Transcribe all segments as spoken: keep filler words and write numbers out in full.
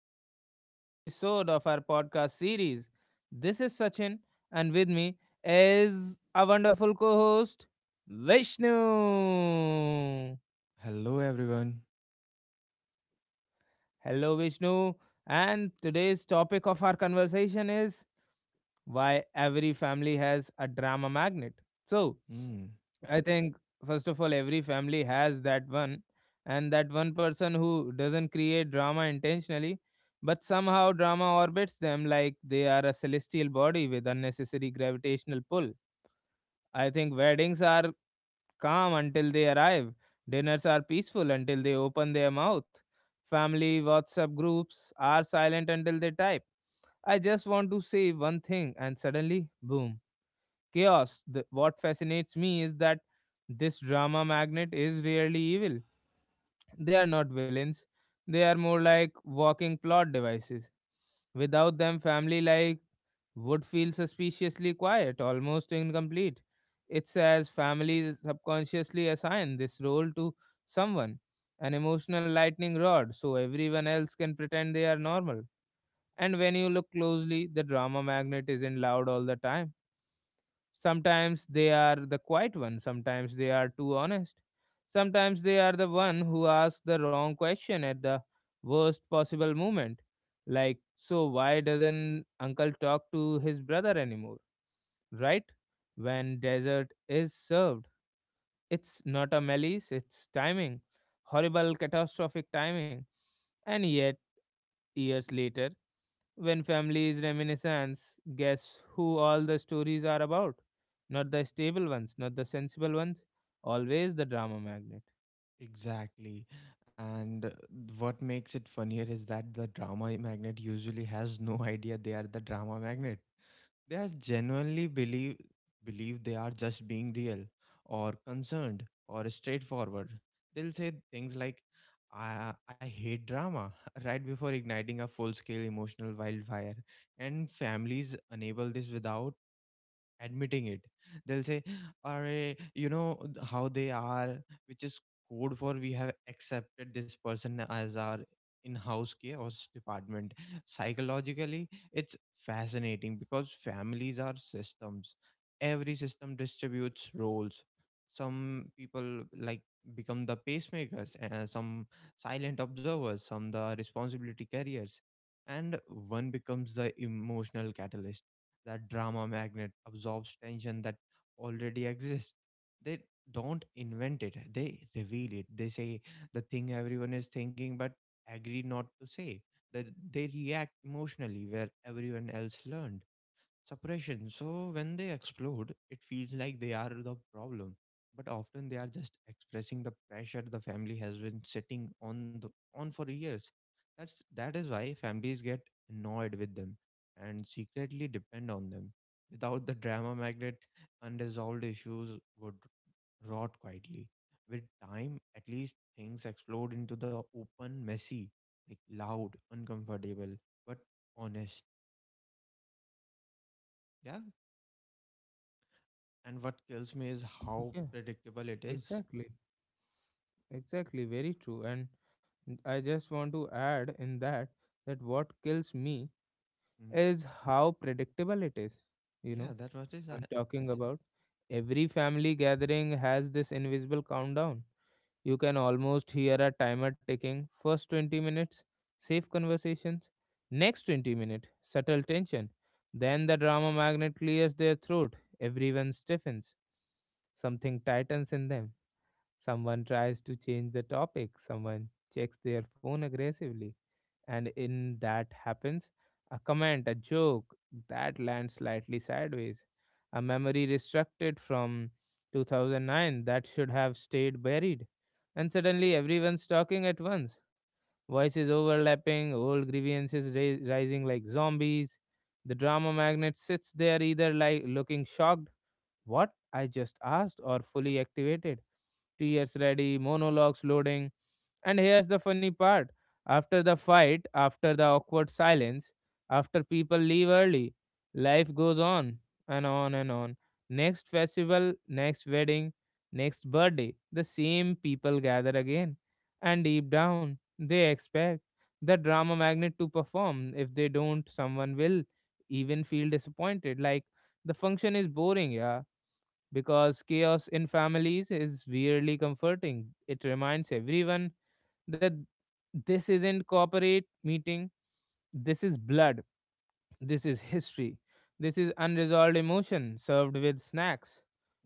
back to another episode of our podcast series. This is Sachin, and with me is our wonderful co host, Vishnu. Hello, everyone. Hello, Vishnu. And today's topic of our conversation is why every family has a drama magnet. So, Mm, I think first of all, every family has that one, and that one person who doesn't create drama intentionally, but somehow drama orbits them like they are a celestial body with unnecessary gravitational pull. I think weddings are calm until they arrive, dinners are peaceful until they open their mouth, family WhatsApp groups are silent until they type. I just want to say one thing, and suddenly, boom chaos. The, what fascinates me is that this drama magnet is rarely evil. They are not villains, they are more like walking plot devices. Without them, family life would feel suspiciously quiet, almost incomplete. It's as families subconsciously assign this role to someone, an emotional lightning rod, so everyone else can pretend they are normal. And when you look closely, the drama magnet isn't loud all the time. Sometimes they are the quiet one, sometimes they are too honest. Sometimes they are the one who asks the wrong question at the worst possible moment. Like, so why doesn't uncle talk to his brother anymore? Right? When dessert is served, it's not a malice, it's timing. Horrible, catastrophic timing. And yet, years later when families reminiscence, guess who all the stories are about? Not the stable ones, not the sensible ones, always the drama magnet. exactly. And uh, what makes it funnier is that the drama magnet usually has no idea they are the drama magnet. They are genuinely believe believe they are just being real, or concerned, or straightforward. They'll say things like, "I I hate drama," right before igniting a full-scale emotional wildfire. And families enable this without admitting it, they'll say, are, you know, th- how they are, which is code for we have accepted this person as our in-house chaos department. Psychologically, it's fascinating because families are systems. Every system distributes roles. Some people, like, become the pacemakers, and some silent observers, some the responsibility carriers, and one becomes the emotional catalyst. That drama magnet absorbs tension that already exists. They don't invent it, they reveal it. They say the thing everyone is thinking but agree not to say. That they react emotionally where everyone else learned. Suppression. So when they explode, it feels like they are the problem, but often they are just expressing the pressure the family has been sitting on the, on for years. That's that is why families get annoyed with them and secretly depend on them. Without the drama magnet, unresolved issues would rot quietly. With time, at least things explode into the open, messy, like loud, uncomfortable, but honest. Yeah. And what kills me is how Yeah, predictable it is. exactly. Exactly, very true. And I just want to add in that that what kills me Mm. is how predictable it is. You Yeah, know, that what is I, I'm I talking said. about every family gathering has this invisible countdown. You can almost hear a timer ticking. First twenty minutes, safe conversations. Next twenty minutes, subtle tension. Then the drama magnet clears their throat. Everyone stiffens. Something tightens in them. Someone tries to change the topic. Someone checks their phone aggressively, and in that happens a comment, a joke that lands slightly sideways, a memory restricted from two thousand nine that should have stayed buried, and suddenly everyone's talking at once, voices overlapping, old grievances ra- rising like zombies. The drama magnet sits there either like looking shocked, what? I just asked, or fully activated. Tears ready, monologues loading. And here's the funny part. After the fight, after the awkward silence, after people leave early, life goes on and on and on. Next festival, next wedding, next birthday, the same people gather again. And deep down, they expect the drama magnet to perform. If they don't, someone will even feel disappointed. Like, the function is boring, yeah, because chaos in families is weirdly comforting. It reminds everyone that this isn't corporate meeting, this is blood, this is history, this is unresolved emotion served with snacks.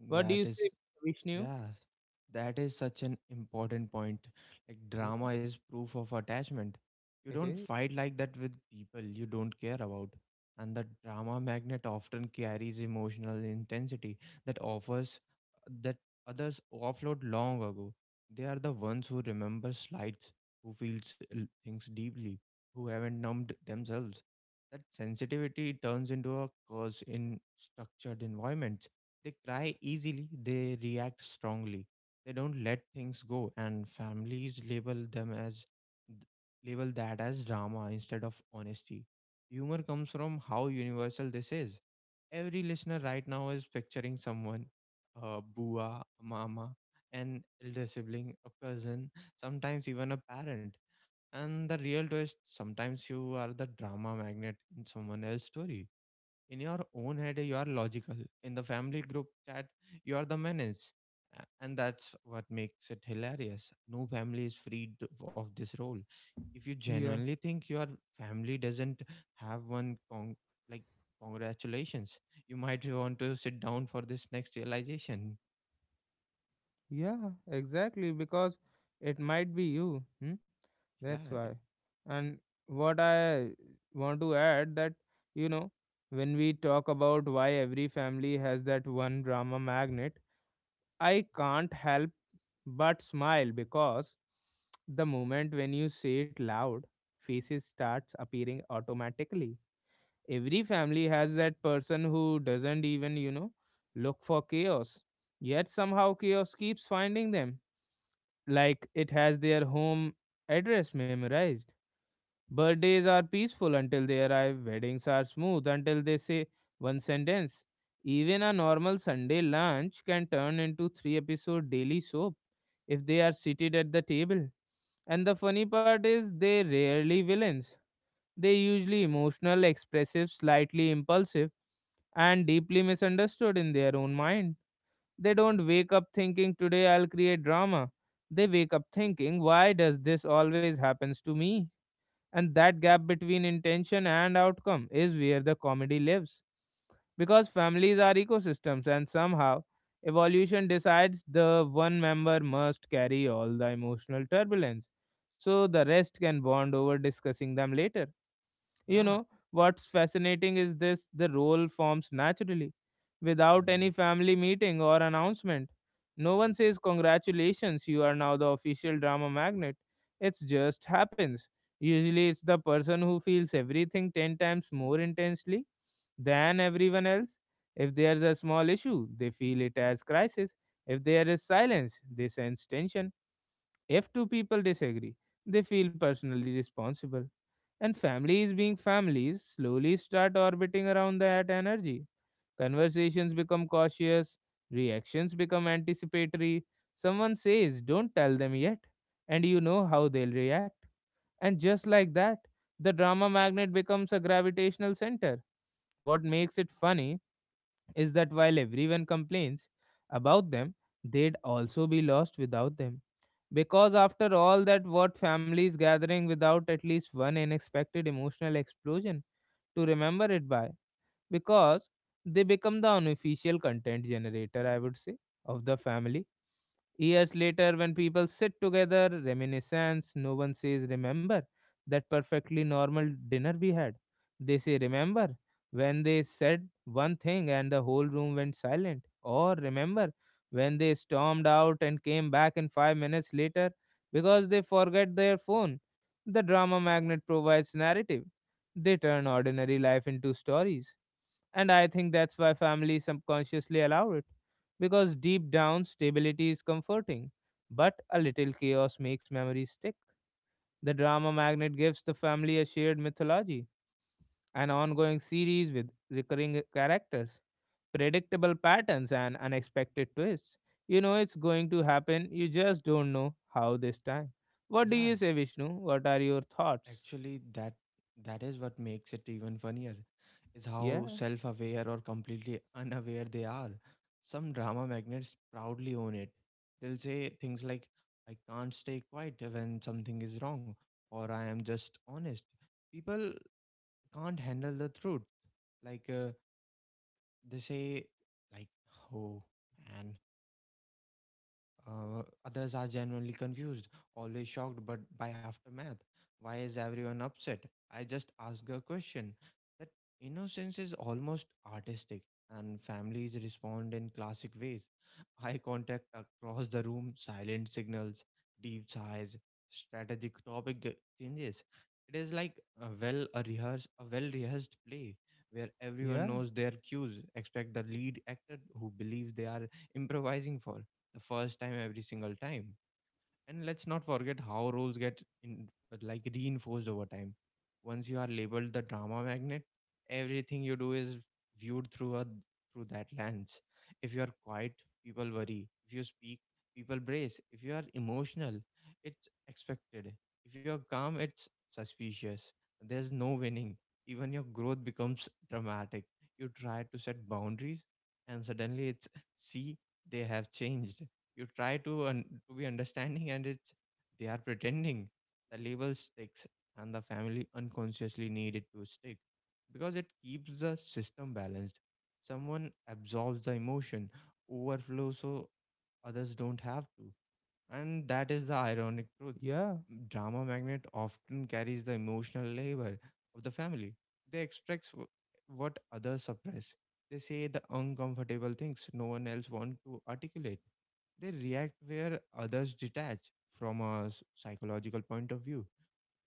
What do That you is. say, Vishnu? Yeah, that is such an important point. Like, drama Yeah, is proof of attachment. You it don't is. fight like that with people you don't care about. And the drama magnet often carries emotional intensity that offers that others offload long ago. They are the ones who remember slights, who feels l- things deeply, who haven't numbed themselves. That sensitivity turns into a curse in structured environments. They cry easily, they react strongly. They don't let things go, and families label them as label that as drama instead of honesty. Humor comes from how universal this is. Every listener right now is picturing someone, a bua, a mama, an elder sibling, a cousin, sometimes even a parent. And the real twist, sometimes you are the drama magnet in someone else's story. In your own head you are logical, in the family group chat you are the menace. A- and that's what makes it hilarious. No family is freed th- of this role. If you Yeah. genuinely think your family doesn't have one, con- like, congratulations, you might want to sit down for this next realization. Yeah, exactly, because it might be you. Hmm? Yeah, That's why. And what I want to add that, you know, when we talk about why every family has that one drama magnet, I can't help but smile because the moment when you say it loud, faces starts appearing automatically. Every family has that person who doesn't even, you know, look for chaos. Yet somehow chaos keeps finding them like it has their home address memorized. Birthdays are peaceful until they arrive, weddings are smooth until they say one sentence. Even a normal Sunday lunch can turn into three episode daily soap if they are seated at the table. And the funny part is, they rarely villains. They usually emotional, expressive, slightly impulsive, and deeply misunderstood in their own mind. They don't wake up thinking today I'll create drama. They wake up thinking why does this always happens to me? And that gap between intention and outcome is where the comedy lives. Because families are ecosystems, and somehow evolution decides the one member must carry all the emotional turbulence, so the rest can bond over discussing them later. You yeah. Know, what's fascinating is this the role forms naturally, without any Mm. family meeting or announcement. No one says, Congratulations, you are now the official drama magnet. It just happens. Usually, it's the person who feels everything ten times more intensely than everyone else. If there's a small issue, they feel it as crisis. If there is silence, they sense tension. If two people disagree, they feel personally responsible. And families being families slowly start orbiting around that energy. Conversations become cautious, reactions become anticipatory. Someone says, Don't tell them yet, and you know how they'll react. And just like that, the drama magnet becomes a gravitational center. What makes it funny is that while everyone complains about them, they'd also be lost without them. Because after all that, what families gathering without at least one unexpected emotional explosion to remember it by? Because they become the unofficial content generator, I would say, of the family. Years later, when people sit together, reminiscence, no one says, Remember that perfectly normal dinner we had. They say, Remember when they said one thing and the whole room went silent. Or remember when they stormed out and came back in five minutes later because they forget their phone. The drama magnet provides narrative. They turn ordinary life into stories. And I think that's why families subconsciously allow it because deep down stability is comforting, but a little chaos makes memories stick. The drama magnet gives the family a shared mythology, an ongoing series with recurring characters, predictable patterns, and unexpected twists. You know it's going to happen, you just don't know how this time. What Yeah, do yeah. you say, Vishnu? What are your thoughts? Actually, that that is what makes it even funnier, is how Yeah, self-aware or completely unaware they are. Some drama magnets proudly own it. They'll say things like, "I can't stay quiet when something is wrong," or "I am just honest." People can't handle the truth. Like, uh, they say, like, "Oh, man," uh, others are genuinely confused, always shocked but by aftermath. Why is everyone upset? I just ask a question. That innocence is almost artistic, and families respond in classic ways. Eye contact across the room, silent signals, deep sighs, strategic topic g- changes. It is like a well a rehearsed a well rehearsed play where everyone yeah, knows their cues, except the lead actor who believes they are improvising for the first time every single time. And let's not forget how roles get in like reinforced over time. Once you are labeled the drama magnet, everything you do is viewed through a through that lens. If you are quiet, people worry. If you speak, people brace. If you are emotional, it's expected. If you're calm, it's suspicious. There's no winning. Even your growth becomes dramatic. You try to set boundaries and suddenly it's, see, they have changed. You try to un- to be understanding and it's, they are pretending. The label sticks, and the family unconsciously need it to stick because it keeps the system balanced. Someone absorbs the emotion overflow so others don't have to. And that is the ironic truth. yeah. Drama magnet often carries the emotional labor of the family. They express wh- what others suppress. They say the uncomfortable things no one else wants to articulate. They react where others detach. From a s- psychological point of view.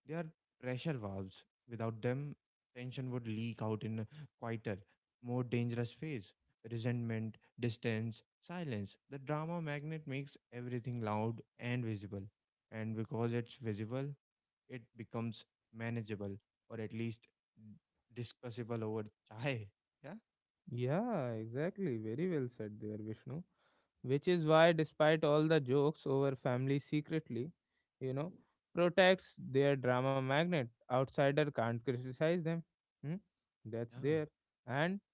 They are pressure valves. Without them, tension would leak out in a quieter, more dangerous phase. Resentment, distance, silence. The drama magnet makes everything loud and visible. And because it's visible, it becomes manageable, or at least discussable over chai. Yeah, Yeah, exactly. Very well said there, Vishnu. Which is why, despite all the jokes over family secretly, you know, protects their drama magnet. Outsider can't criticize them. Hmm? That's yeah. there. And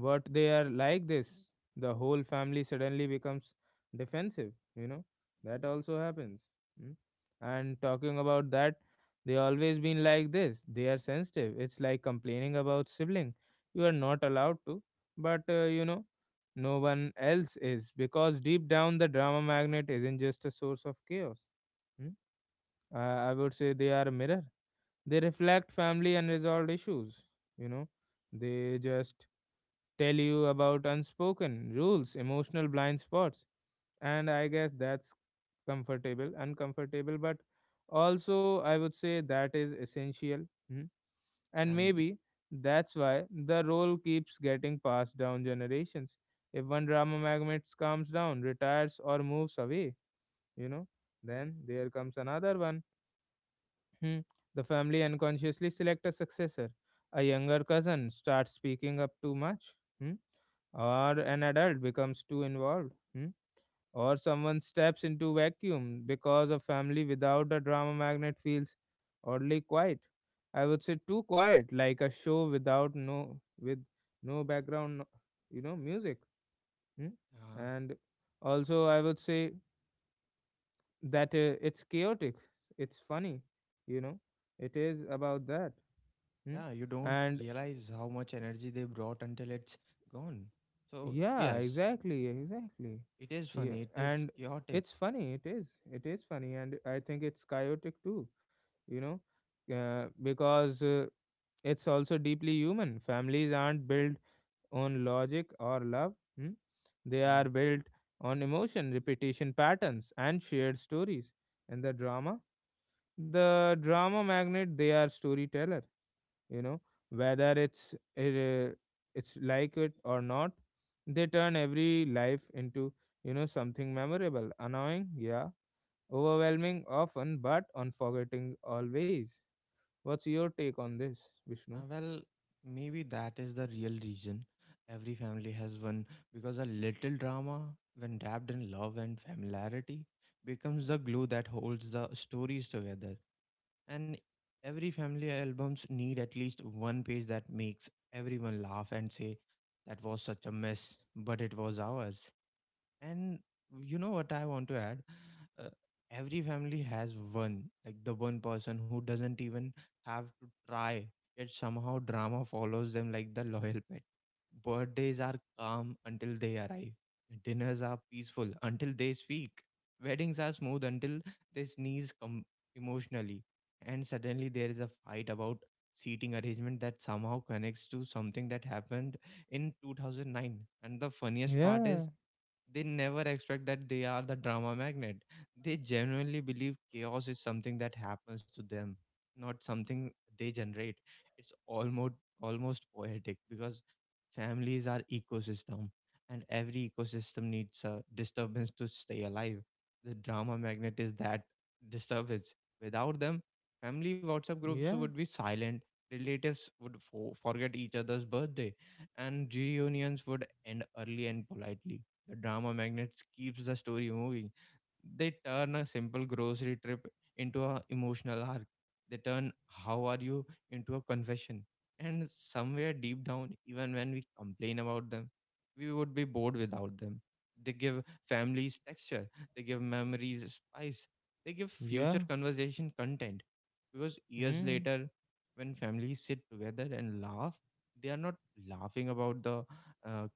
but they are like this, the whole family suddenly becomes defensive, you know that also happens. mm. And talking about that, they always been like this, they are sensitive, it's like complaining about sibling, you are not allowed to. But uh, you know no one else is, because deep down the drama magnet isn't just a source of chaos mm. uh, I would say they are a mirror, they reflect family unresolved issues. You know, they just tell you about unspoken rules, emotional blind spots, and I guess that's comfortable, uncomfortable, but also I would say that is essential. Mhm. And And maybe that's why the role keeps getting passed down generations. If one drama magnet comes down, retires, or moves away, you know, then there comes another one. Hmm. The family unconsciously select a successor. A younger cousin starts speaking up too much, hmm? Or an adult becomes too involved, hmm? Or someone steps into vacuum because a family without a drama magnet feels oddly quiet. I would say too quiet, like a show without no with no background, no- you know, music. Hmm? uh, And also, I would say that uh, it's chaotic. It's funny, you know. It is about that. Hmm? yeah, you don't And realize how much energy they brought until it's gone. So, yeah, yes, exactly, exactly. it is Yeah, funny, it is and chaotic. it's funny. It is. It is funny, and I think it's chaotic too. You know, uh, because uh, it's also deeply human. Families aren't built on logic or love. Hmm? They Mm. are built on emotion, repetition patterns, and shared stories. And the drama, the drama magnet, they are storyteller. you know whether it's it, uh, it's like it or not, they turn every life into you know something memorable, annoying, yeah, overwhelming often, but unforgetting always. What's your take on this, Vishnu? Uh, well, maybe that is the real reason every family has one, because a little drama, when wrapped in love and familiarity, becomes the glue that holds the stories together. And every family albums need at least one page that makes everyone laugh and say, that was such a mess, but it was ours. And you know what I want to add? Uh, every family has one, like the one person who doesn't even have to try, yet somehow drama follows them like the loyal pet. Birthdays are calm until they arrive, dinners are peaceful until they speak, weddings are smooth until they sneeze com- emotionally, and suddenly there is a fight about seating arrangement that somehow connects to something that happened in twenty oh nine. And the funniest part Yeah. is they never expect that they are the drama magnet. They genuinely believe chaos is something that happens to them, not something they generate. It's almost almost poetic because families are ecosystem, and every ecosystem needs a disturbance to stay alive. The drama magnet is that disturbance. Without them, family WhatsApp groups Yeah. would be silent, relatives would fo- forget each other's birthday, and reunions would end early and politely. The drama magnet keeps the story moving. They turn a simple grocery trip into a emotional arc. They turn how are you into a confession. And somewhere deep down, even when we complain about them, we would be bored without them. They give families texture, they give memories spice, they give Yeah. future conversation content. Because years Hmm. later, when families sit together and laugh, they are not laughing about the uh,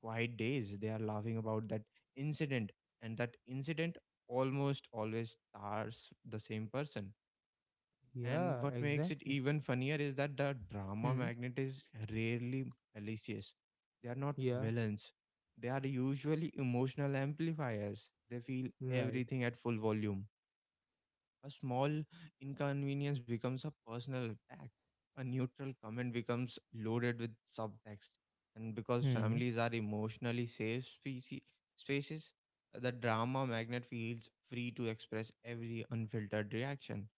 quiet days, they are laughing about that incident, and that incident almost always stars the same person. And Yeah, what makes it exactly. even funnier is that the drama Hmm. magnet is rarely malicious. They are not Yeah, villains, they are usually emotional amplifiers. They feel right. everything at full volume. A small inconvenience becomes a personal attack. A neutral comment becomes loaded with subtext. And because Hmm. families are emotionally safe specie- spaces, the drama magnet feels free to express every unfiltered reaction.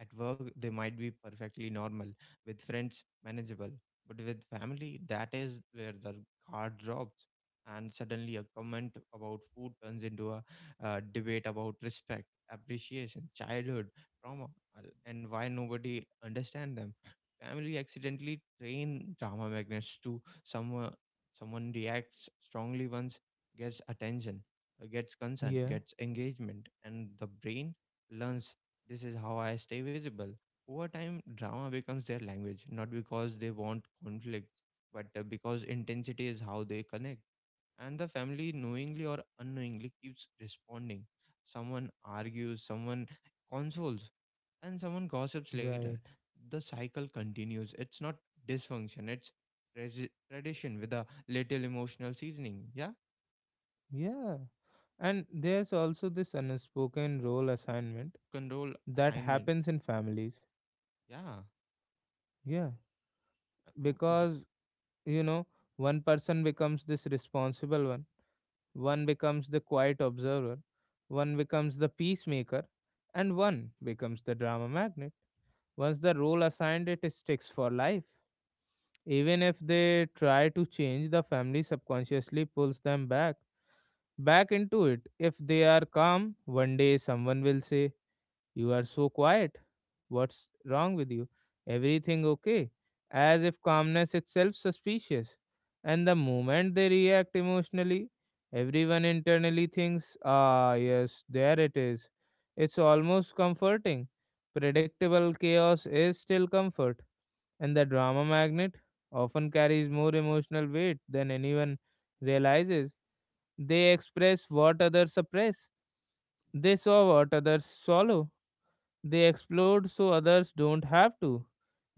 At work, they might be perfectly normal, with friends, manageable. But with family, that is where the guard drops. And suddenly, a comment about food turns into a uh, debate about respect, appreciation, childhood, trauma, al- and why nobody understand them. Family accidentally train drama magnets to someone. Someone reacts strongly once, gets attention, uh, gets concern, Yeah, gets engagement, and the brain learns, this is how I stay visible. Over time, drama becomes their language, not because they want conflict, but uh, because intensity is how they connect. And the family, knowingly or unknowingly, keeps responding. Someone argues, someone consoles, and someone gossips later. right. The cycle continues. It's not dysfunction, it's tradi- tradition with a little emotional seasoning. Yeah. Yeah, and there's also this And there's unspoken role also this assignment unspoken role that assignment. happens in families. Yeah. Yeah, Uh, w- the- because you know, one person becomes this responsible one, one becomes the quiet observer, one becomes the peacemaker, and one becomes the drama magnet. Once the role assigned, it sticks for life. Even if they try to change, the family subconsciously pulls them back back into it. If they are calm, one day someone will say, you are so quiet. What's wrong with you? Everything okay? As if calmness itself suspicious. And the moment they react emotionally, everyone internally thinks, ah, yes, there it is. It's almost comforting. Predictable chaos is still comfort. And the drama magnet often carries more emotional weight than anyone realizes. They express what others suppress. They saw what others swallow. They explode so others don't have to.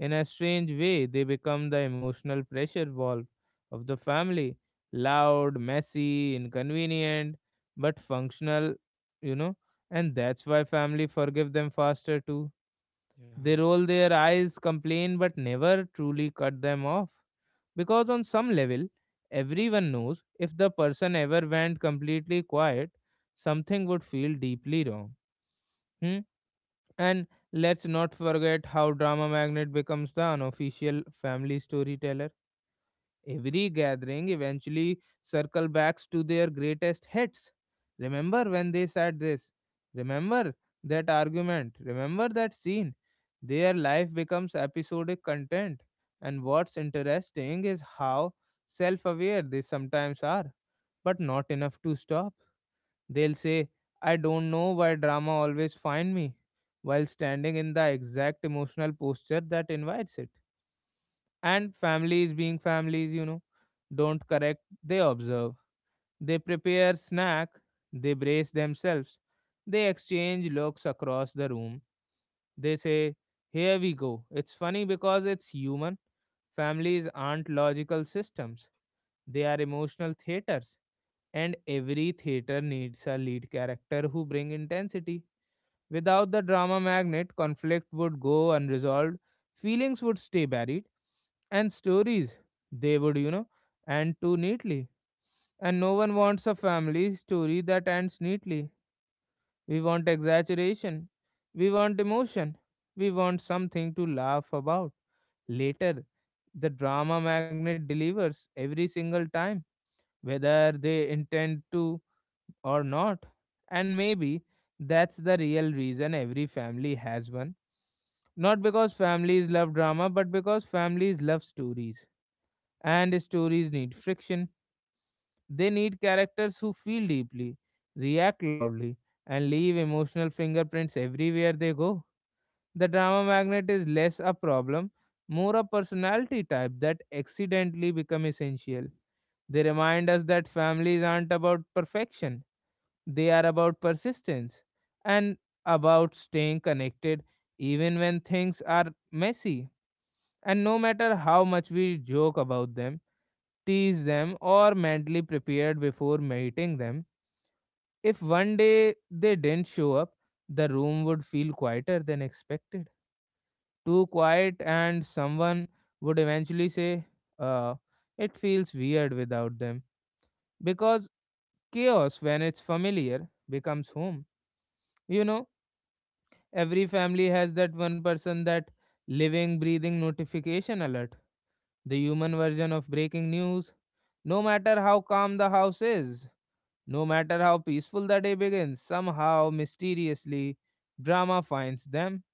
In a strange way, they become the emotional pressure valve of the family. Loud, messy, inconvenient, but functional, you know, and that's why family forgive them faster too. Yeah. They roll their eyes, complain, but never truly cut them off. Because on some level, everyone knows if the person ever went completely quiet, something would feel deeply wrong. Hmm? And let's not forget how drama magnet becomes the unofficial family storyteller. Every gathering eventually circle backs to their greatest hits. Remember when they said this? Remember that argument? Remember that scene? Their life becomes episodic content. And what's interesting is how self aware they sometimes are, but not enough to stop. They'll say, I don't know why drama always find me, while standing in the exact emotional posture that invites it. And families being families, you know don't correct, they observe, they prepare snack, they brace themselves, they exchange looks across the room, they say here we go. It's funny because it's human. Families aren't logical systems, they are emotional theaters, and every theater needs a lead character who bring intensity. Without the drama magnet, conflict would go unresolved, feelings would stay buried, and stories, they would, you know, end too neatly. And no one wants a family story that ends neatly. We want exaggeration. We want emotion. We want something to laugh about later. The drama magnet delivers every single time, whether they intend to or not. And maybe that's the real reason every family has one. Not because families love drama, but because families love stories. And stories need friction. They need characters who feel deeply, react loudly, and leave emotional fingerprints everywhere they go. The drama magnet is less a problem, more a personality type that accidentally become essential. They remind us that families aren't about perfection. They are about persistence and about staying connected even when things are messy. And no matter how much we joke about them, tease them, or mentally prepared before meeting them, if one day they didn't show up, the room would feel quieter than expected, too quiet, and someone would eventually say, uh, it feels weird without them. Because chaos, when it's familiar, becomes home. You know, every family has that one person, that living, breathing notification alert, the human version of breaking news. No matter how calm the house is, no matter how peaceful the day begins, somehow mysteriously drama finds them,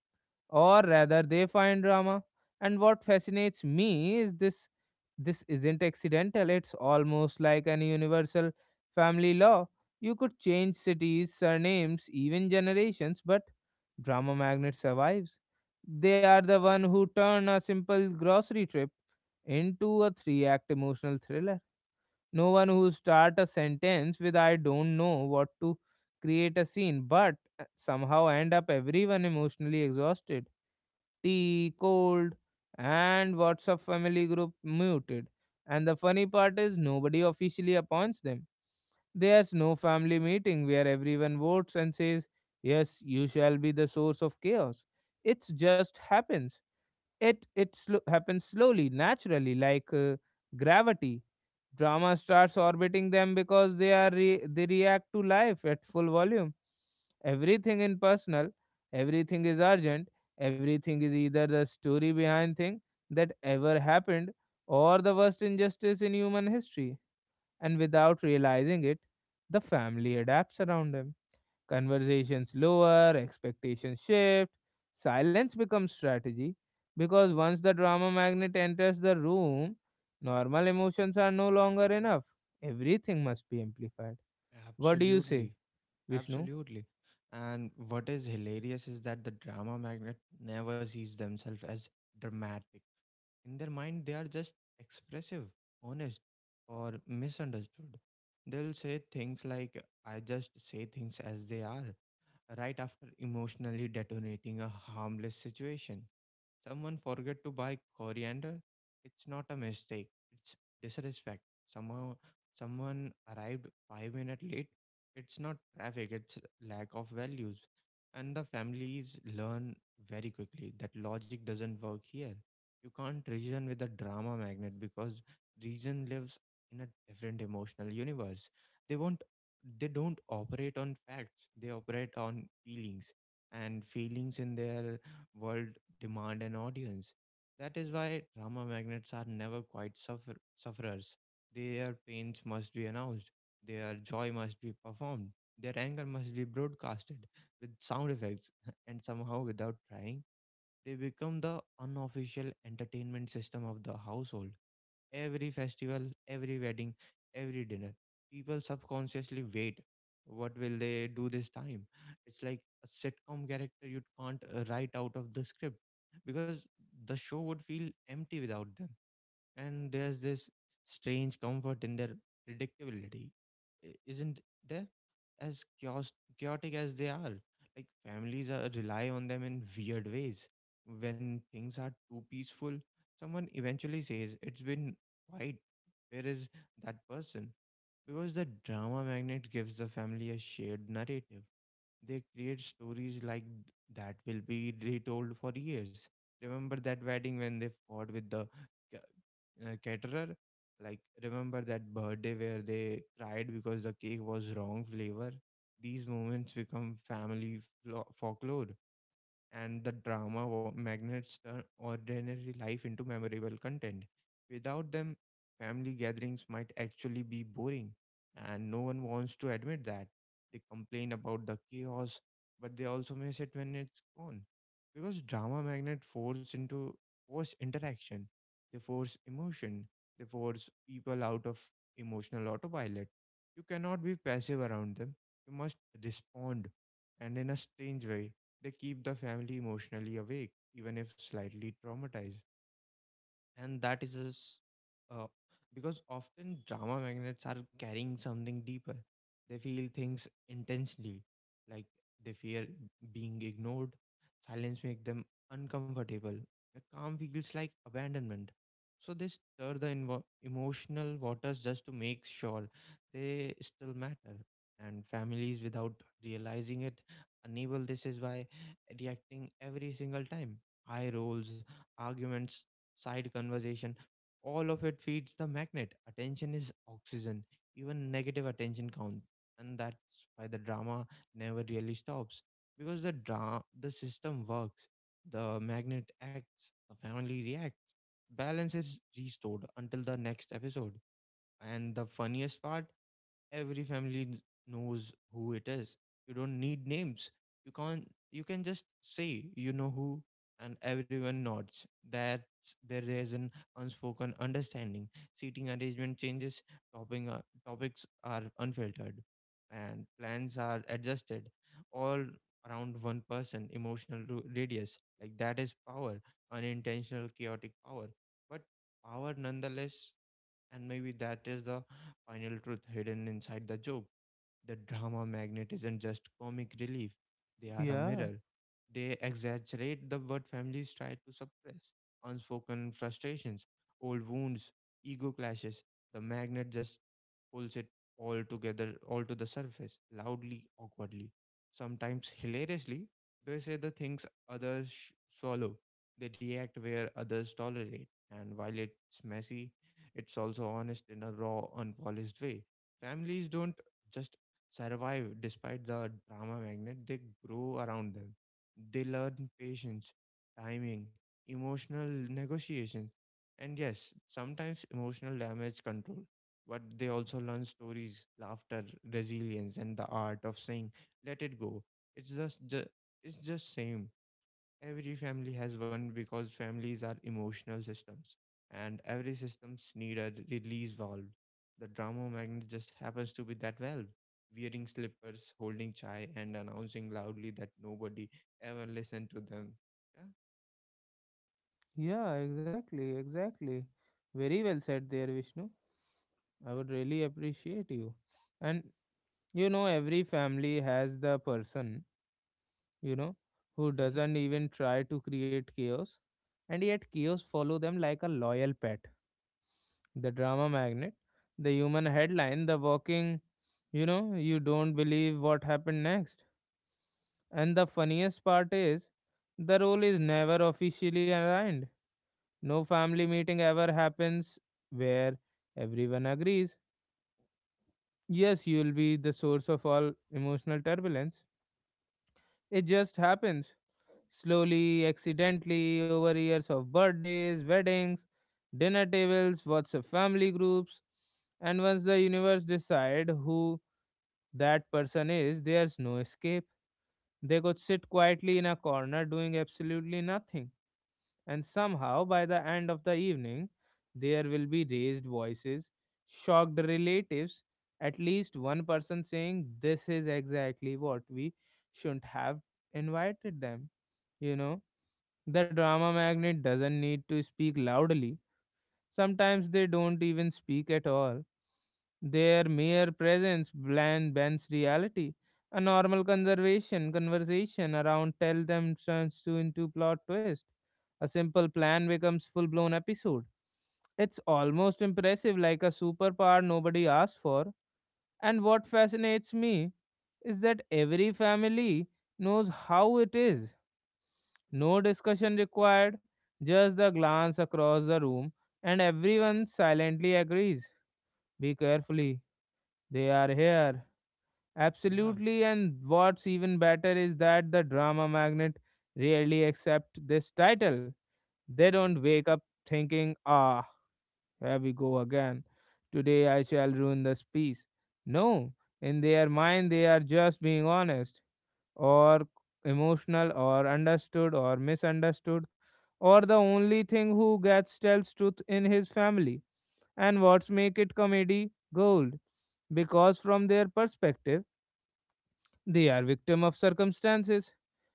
or rather they find drama. And what fascinates me is this: this isn't accidental, it's almost like an universal family law. You could change cities, surnames, even generations, but drama magnet survives. They are the one who turn a simple grocery trip into a three act emotional thriller. No one who start a sentence with I don't know what to create a scene, but uh, somehow end up everyone emotionally exhausted. Tea, cold, and WhatsApp family group muted. And the funny part is nobody officially appoints them. There's no family meeting where everyone votes and says, yes, you shall be the source of chaos. It just happens. It it slo- happens slowly, naturally, like uh, gravity. Drama starts orbiting them because they are re- they react to life at full volume. Everything in personal, everything is urgent, everything is either the story behind thing that ever happened or the worst injustice in human history. And without realizing it, the family adapts around them. Conversations lower, expectations shift, silence becomes strategy, because once the drama magnet enters the room, normal emotions are no longer enough. Everything must be amplified. Mm. What do you say, Absolutely. Vishnu? Absolutely. And what is hilarious is that the drama magnet never sees themselves as dramatic. In their mind, they are just expressive, honest, or misunderstood. They'll say things like, I just say things as they are, right after emotionally detonating a harmless situation. Someone forget to buy coriander. It's not a mistake. It's disrespect. Somehow, someone arrived five minutes late. It's not traffic. It's lack of values. And the families learn very quickly that logic doesn't work here. You can't reason with a drama magnet because reason lives in a different emotional universe. They won't they don't operate on facts. They operate on feelings. And feelings in their world demand an audience. That is why drama magnets are never quite suffer- sufferers. Their pains must be announced. Their joy must be performed. Their anger must be broadcasted with sound effects and somehow without trying they become the unofficial entertainment system of the household. Every festival, every wedding, every dinner, people subconsciously wait. What will they do this time? It's like a sitcom character you can't uh, write out of the script because the show would feel empty without them, and there's this strange comfort in their predictability, i- isn't there? As chaos- chaotic as they are, like families are, rely on them in weird ways. When things are too peaceful, someone eventually says it's been quiet, where is that person? Because the drama magnet gives the family a shared narrative. They create stories like th- that will be retold for years. Remember that wedding when they fought with the uh, uh, caterer? Like remember that birthday where they cried because the cake was wrong flavor? These moments become family flo- folklore, and the drama wa- magnets turn ordinary life into memorable content. Without them, family gatherings might actually be boring, and no one wants to admit that. They complain about the chaos, but they also miss it when it's gone. Because drama magnet force into force interaction, they force emotion, they force people out of emotional autopilot. You cannot be passive around them. You must respond, and in a strange way they keep the family emotionally awake, even if slightly traumatized. And that is just uh, because often drama magnets are carrying something deeper. They feel things intensely, like they fear being ignored. Silence makes them uncomfortable, a calm feels like abandonment, so they stir the invo- emotional waters just to make sure they still matter. And families, without realizing it, enable this is by reacting every single time. High roles, arguments, side conversation, all of it feeds the magnet. Attention is oxygen. Even negative attention counts. And that's why the drama never really stops. Because the dra- the system works, the magnet acts, the family reacts. Balance is restored until the next episode. And the funniest part, every family n- knows who it is. You don't need names. You can't you can just say you know who, and everyone nods. That there is an unspoken understanding, seating arrangement changes, topping uh, topics are unfiltered, and plans are adjusted, all around one person emotional ru- radius. Like that is power, unintentional chaotic power, but power nonetheless. And maybe that is the final truth hidden inside the joke. The drama magnet isn't just comic relief, they are a Yeah, mirror. They exaggerate the what families try to suppress: unspoken frustrations, old wounds, ego clashes. The magnet just pulls it all together, all to the surface, loudly, awkwardly, sometimes hilariously. They say the things others sh- swallow, they react where others tolerate, and while it's messy, it's also honest in a raw, unpolished way. Families don't just survive despite the drama magnet, they grow around them. They learn patience, timing, emotional negotiation, and yes, sometimes emotional damage control. But they also learn stories, laughter, resilience, and the art of saying "let it go." It's just, ju- it's just same. Every family has one because families are emotional systems, and every systems need a release valve. The drama magnet just happens to be that valve. Wearing slippers, holding chai, and announcing loudly that nobody ever listened to them. Yeah. yeah, exactly, exactly. Very well said there, Vishnu. I would really appreciate you. And you know, every family has the person, you know, who Hmm. doesn't even try to create chaos, and yet chaos follow them like a loyal pet. The drama magnet, the human headline, the walking, you know, you don't believe what happened next. And the funniest part is, the role is never officially aligned. No family meeting ever happens where everyone agrees. Yes, you'll be the source of all emotional turbulence. It just happens. Slowly, accidentally, over years of birthdays, weddings, dinner tables, WhatsApp family groups, and once the universe decide who that person is, there's no escape. They could sit quietly in a corner doing absolutely nothing, and somehow by the end of the evening, there will be raised voices, shocked relatives, at least one person saying, this is exactly what we shouldn't have invited them. you know the drama magnet doesn't need to speak loudly, sometimes they don't even speak at all. Their mere presence bland bends reality. A normal conservation conversation around tell them turns to into plot twist. A simple plan becomes full blown episode. It's almost impressive, like a superpower nobody asked for. And what fascinates me is that every family knows how it is. No discussion required, just the glance across the room, and everyone silently agrees. Be carefully, they are here. Yeah. Absolutely, and what's even better is that the drama magnet rarely accept this title. They don't wake up thinking, ah, here we go again. Today I shall ruin this piece. No, in their mind, they are just being honest, or emotional or understood or misunderstood, or the only thing who gets tells truth in his family. And what's make it comedy gold, because from their perspective they are victim of circumstances,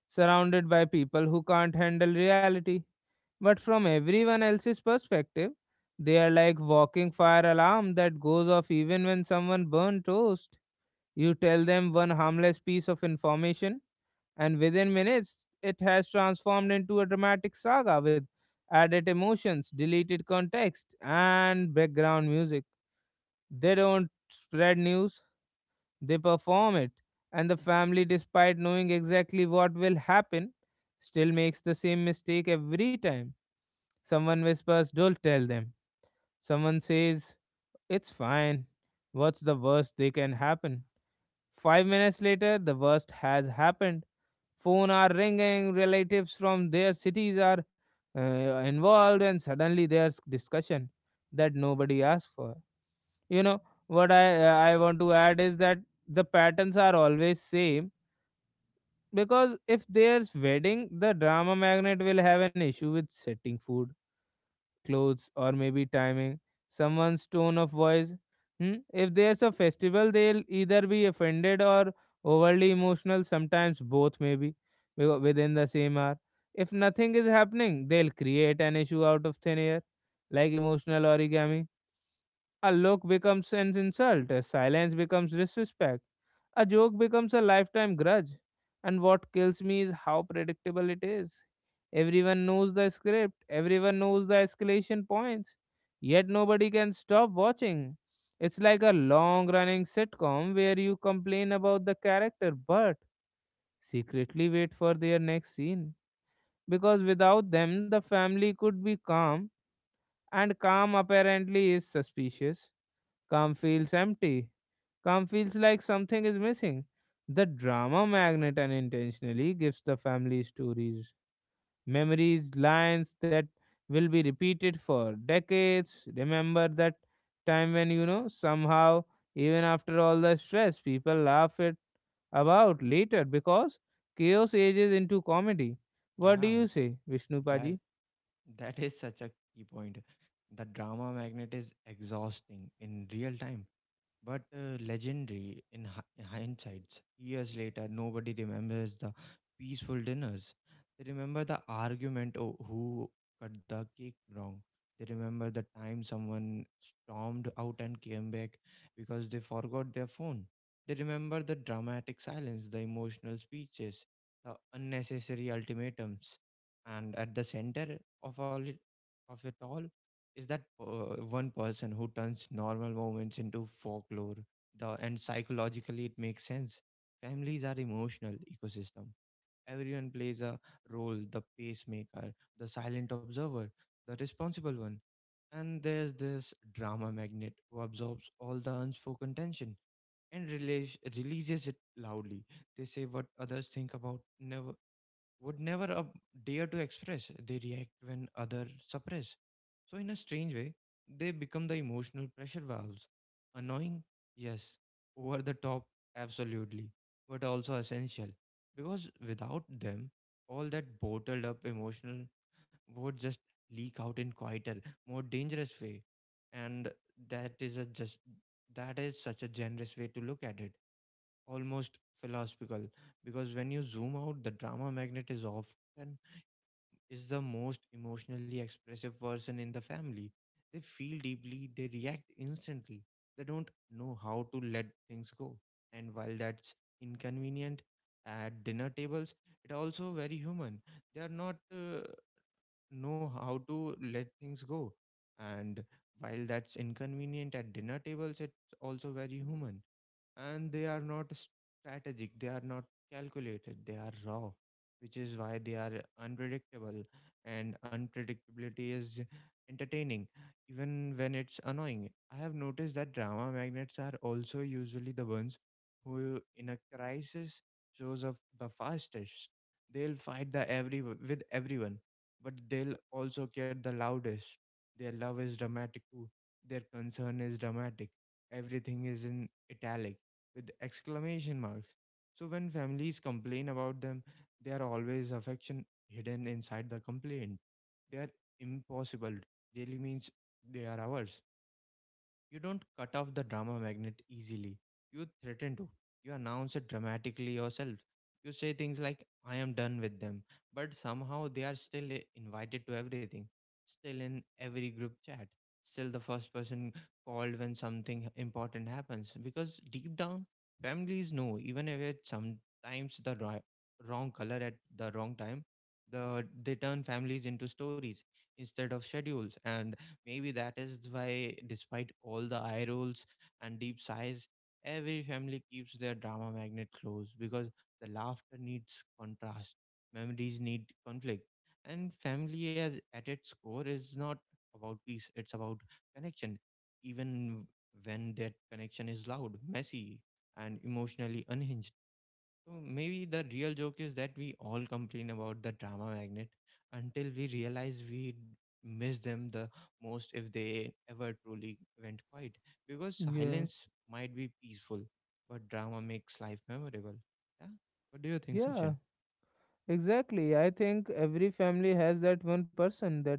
surrounded by people who can't handle reality. But from everyone else's perspective, they are like walking fire alarm that goes off even when someone burns toast. You tell them one harmless piece of information, and within minutes it has transformed into a dramatic saga with added emotions, deleted context, and background music. They don't spread news, they perform it. And the family, despite knowing exactly what will happen, still makes the same mistake every time. Someone whispers, don't tell them. Someone says, it's fine. What's the worst they can happen? Five minutes later, the worst has happened. Phone are ringing, relatives from their cities are uh, involved, and suddenly there's discussion that nobody asked for. you know what i i want to add is that the patterns are always same, because if there's wedding the drama magnet will have an issue with setting food, clothes, or maybe timing, someone's tone of voice. Hmm? If there's a festival, they'll either be offended or overly emotional, sometimes both, maybe wi- within the same hour. If nothing is happening, they'll create an issue out of thin air, like emotional origami. A look becomes an insult, a silence becomes disrespect, a joke becomes a lifetime grudge. And what kills me is how predictable it is. Everyone knows the script, everyone knows the escalation points, yet nobody can stop watching. It's like a long running sitcom where you complain about the character but secretly wait for their next scene. Because without them, the family could be calm, and calm apparently is suspicious. Calm feels empty. Calm feels like something is missing. The drama magnet unintentionally gives the family stories, memories, lines that will be repeated for decades. Remember that time when, you know, somehow, even after all the stress, people laugh it about later because chaos ages into comedy. What do Yeah. you say, Vishnu That Paji? That is such a key point. The drama magnet is exhausting in real time but uh, legendary in hi- hindsight. Years later, nobody remembers the peaceful dinners. They remember the argument o- who cut the cake wrong. They remember the time someone stormed out and came back because they forgot their phone. They remember the dramatic silence, the emotional speeches, the unnecessary ultimatums. And at the center of all it, of it all is that uh, one person who turns normal moments into folklore. The and psychologically it makes sense, families are emotional ecosystem, everyone plays a role: the pacemaker, the silent observer, the responsible one. And there's this drama magnet who absorbs all the unspoken tension and release, releases it loudly. They say what others think about never would never uh, dare to express. They react when others suppress. So, in a strange way, they become the emotional pressure valves. Annoying, yes. Over the top, absolutely. But also essential. Because without them, all that bottled up emotional would just leak out in quieter, more dangerous way. And that is a just That is such a generous way to look at it, almost philosophical. Because when you zoom out, the drama magnet is often is the most emotionally expressive person in the family. They feel deeply, they react instantly, they don't know how to let things go. And while that's inconvenient at dinner tables, it also very human. They are not uh, know how to let things go. And while that's inconvenient at dinner tables, it's also very human. And they are not strategic, they are not calculated, they are raw, which is why they are unpredictable. And unpredictability is entertaining, even when it's annoying. I have noticed that drama magnets are also usually the ones who in a crisis shows up the fastest. They'll fight the every with everyone, but they'll also get the loudest. Their love is dramatic too, their concern is dramatic, everything is in italic with exclamation marks. So when families complain about them, there are always affection hidden inside the complaint. They are impossible. Really means they are ours. You don't cut off the drama magnet easily. You threaten to. You announce it dramatically yourself. You say things like, I am done with them. But somehow they are still i- invited to everything, still in every group chat, still the first person called when something important happens. Because deep down, families know, even if it's sometimes the ri- wrong color at the wrong time, the, they turn families into stories instead of schedules. And maybe that is why, despite all the eye rolls and deep sighs, every family keeps their drama magnet closed because the laughter needs contrast, memories need conflict, and family, as at its core, is not about peace; it's about connection. Even when that connection is loud, messy, and emotionally unhinged. So maybe the real joke is that we all complain about the drama magnet until we realize we miss them the most if they ever truly went quiet. Because Yeah. silence might be peaceful, but drama makes life memorable. Yeah. What do you think, Sachin? Yeah. Exactly. I think every family has that one person, that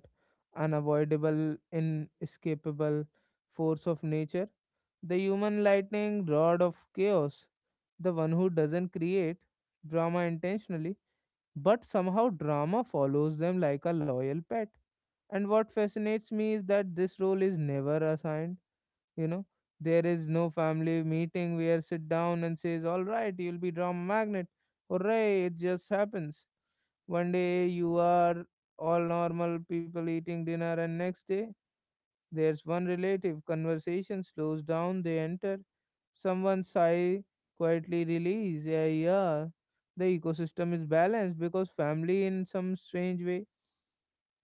unavoidable, inescapable force of nature, the human lightning rod of chaos, the one who doesn't create drama intentionally, but somehow drama follows them like a loyal pet. And what fascinates me is that this role is never assigned, you know. There is no family meeting where sit down and says, all right, you'll be drama magnet. Hooray, it just happens. One day you are all normal people eating dinner, and next day there's one relative. Conversation slows down, they enter. Someone sigh, quietly release. Yeah, yeah. The ecosystem is balanced because family, in some strange way,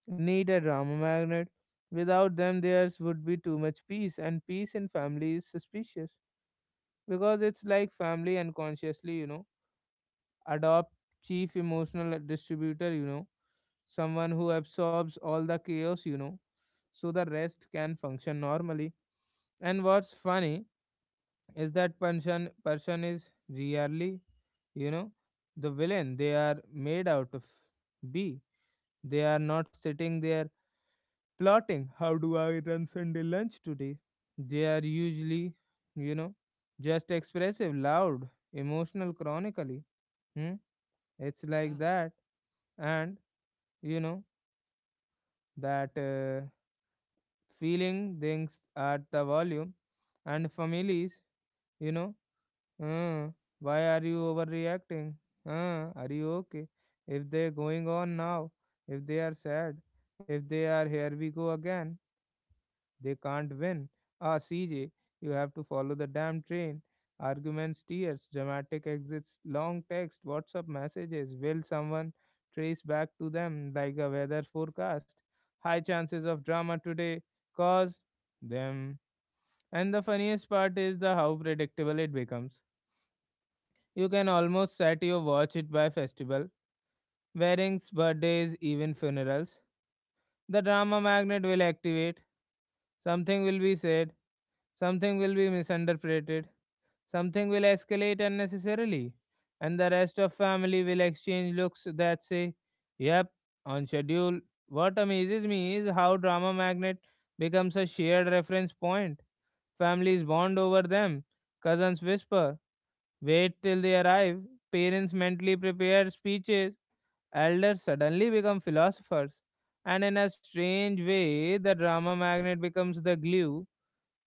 need a drama magnet. Without them, theirs would be too much peace, and peace in family is suspicious, because it's like family unconsciously, you know adopt chief emotional distributor. You know someone who absorbs all the chaos, you know so the rest can function normally. And what's funny is that person person is really, you know the villain they are made out of. B They are not sitting there plotting how do I run sunday lunch today. They are usually, you know just expressive, loud, emotional, chronically. Hmm? It's like Yeah, that. And you know that uh, feeling things at the volume. And families, you know uh, why are you overreacting, uh, are you okay, if they're going on now, if they are sad, if they are here we go again. They can't win. Ah, C J, you have to follow the damn train. Arguments, tears, dramatic exits, long text, WhatsApp messages. Will someone trace back to them like a weather forecast? High chances of drama today cause them. And the funniest part is the how predictable it becomes. You can almost set your watch it by festival, weddings, birthdays, even funerals. The drama magnet will activate. Something will be said. Something will be misinterpreted, something will escalate unnecessarily, and the rest of family will exchange looks that say, yep, on schedule. What amazes me is how Drama Magnet becomes a shared reference point. Families bond over them, cousins whisper, wait till they arrive, parents mentally prepare speeches, elders suddenly become philosophers, and in a strange way, the drama magnet becomes the glue.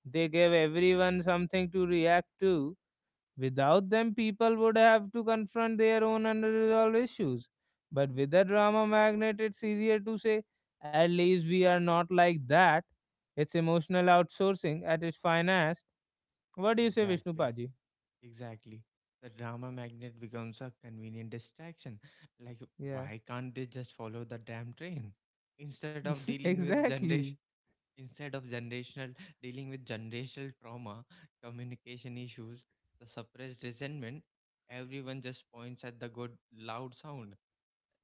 They gave everyone something to react to. Without them, people would have to confront their own unresolved issues. But with the drama magnet, it's easier to say, at least we are not like that. It's emotional outsourcing at its finest. What do you say, Vishnu exactly. Paji? Exactly. The drama magnet becomes a convenient distraction. Like, Yeah, why can't they just follow the damn train? Instead of dealing with generation. exactly. Instead of generational, dealing with generational trauma, communication issues, the suppressed resentment, everyone just points at the good loud sound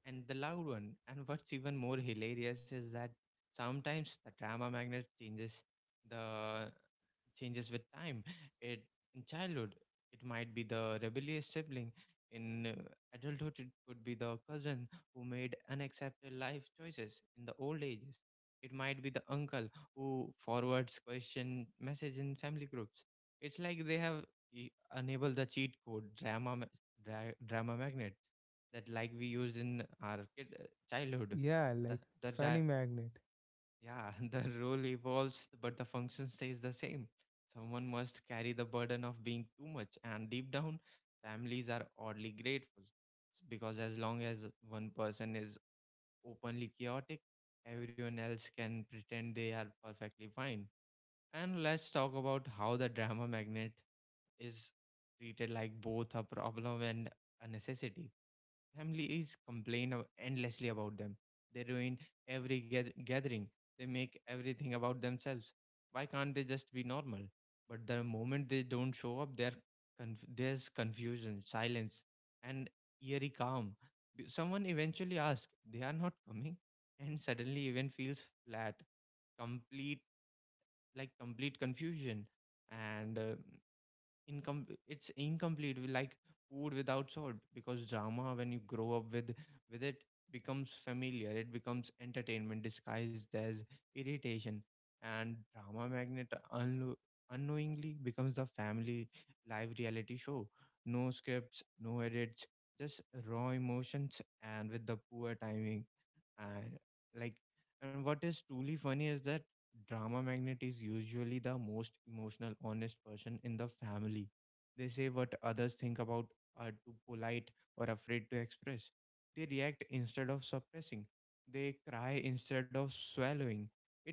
and the loud one. And what's even more hilarious is that sometimes the drama magnet changes the changes with time. It In childhood it might be the rebellious sibling. In uh, adulthood, it could be the cousin who made unacceptable life choices. In the old ages, it might be the uncle who forwards question message in family groups. It's like they have e- enabled the cheat code drama ma- dra- drama magnet that like we used in our kid, uh, childhood. Yeah, the like the funny dra- magnet. yeah. The role evolves but the function stays the same. Someone must carry the burden of being too much, and deep down families are oddly grateful, S- because as long as one person is openly chaotic, everyone else can pretend they are perfectly fine. And let's talk about how the drama magnet is treated like both a problem and a necessity. Families complain of- endlessly about them. They ruin every gath- gathering. They make everything about themselves. Why can't they just be normal? But the moment they don't show up, there conf- there's confusion, silence, and eerie calm. B- Someone eventually asks, "They are not coming," and suddenly even feels flat, complete, like complete confusion. And uh, income it's incomplete with, like, food without salt. Because drama, when you grow up with with it, becomes familiar, it becomes entertainment disguised as irritation. And drama magnet unlo- unknowingly becomes the family live reality show. No scripts, no edits, just raw emotions and with the poor timing. And like, and what is truly funny is that drama magnet is usually the most emotional honest person in the family. They say what others think about are too polite or afraid to express. They react instead of suppressing, they cry instead of swallowing it,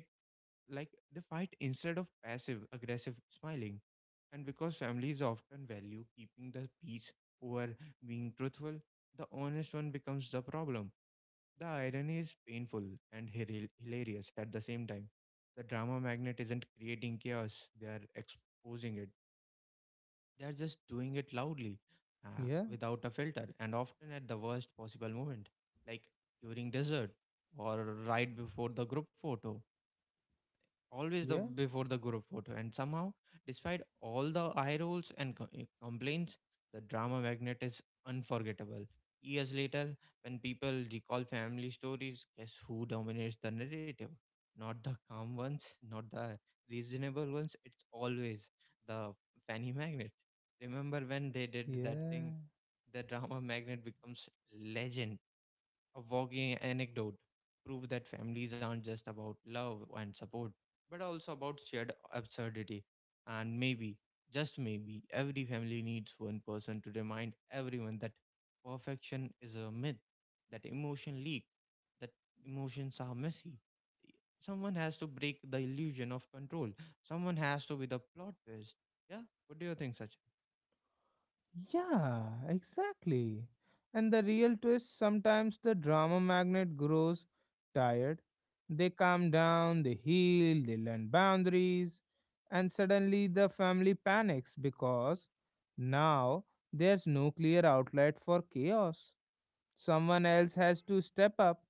like, they fight instead of passive aggressive smiling. And because families often value keeping the peace over being truthful, the honest one becomes the problem. The irony is painful and hila- hilarious at the same time. The drama magnet isn't creating chaos, they are exposing it. They are just doing it loudly, uh, Yeah, without a filter, and often at the worst possible moment, like during dessert or right before the group photo. Always the yeah. before the group photo. And somehow despite all the eye rolls and co- eh, complaints, the drama magnet is unforgettable. Years later, when people recall family stories, guess who dominates the narrative? Not the calm ones, not the reasonable ones, it's always the fanny magnet. Remember when they did that Yeah, thing. The drama magnet becomes legend, a walking anecdote, prove that families aren't just about love and support, but also about shared absurdity. And maybe, just maybe, every family needs one person to remind everyone that perfection is a myth, that emotion leak, that emotions are messy. Someone has to break the illusion of control. Someone has to be the plot twist. Yeah. What do you think, Sachin? yeah, exactly. And the real twist sometimes the drama magnet grows tired. They calm down, they heal, they learn boundaries, and suddenly the family panics because now there's no clear outlet for chaos. Someone else has to step up,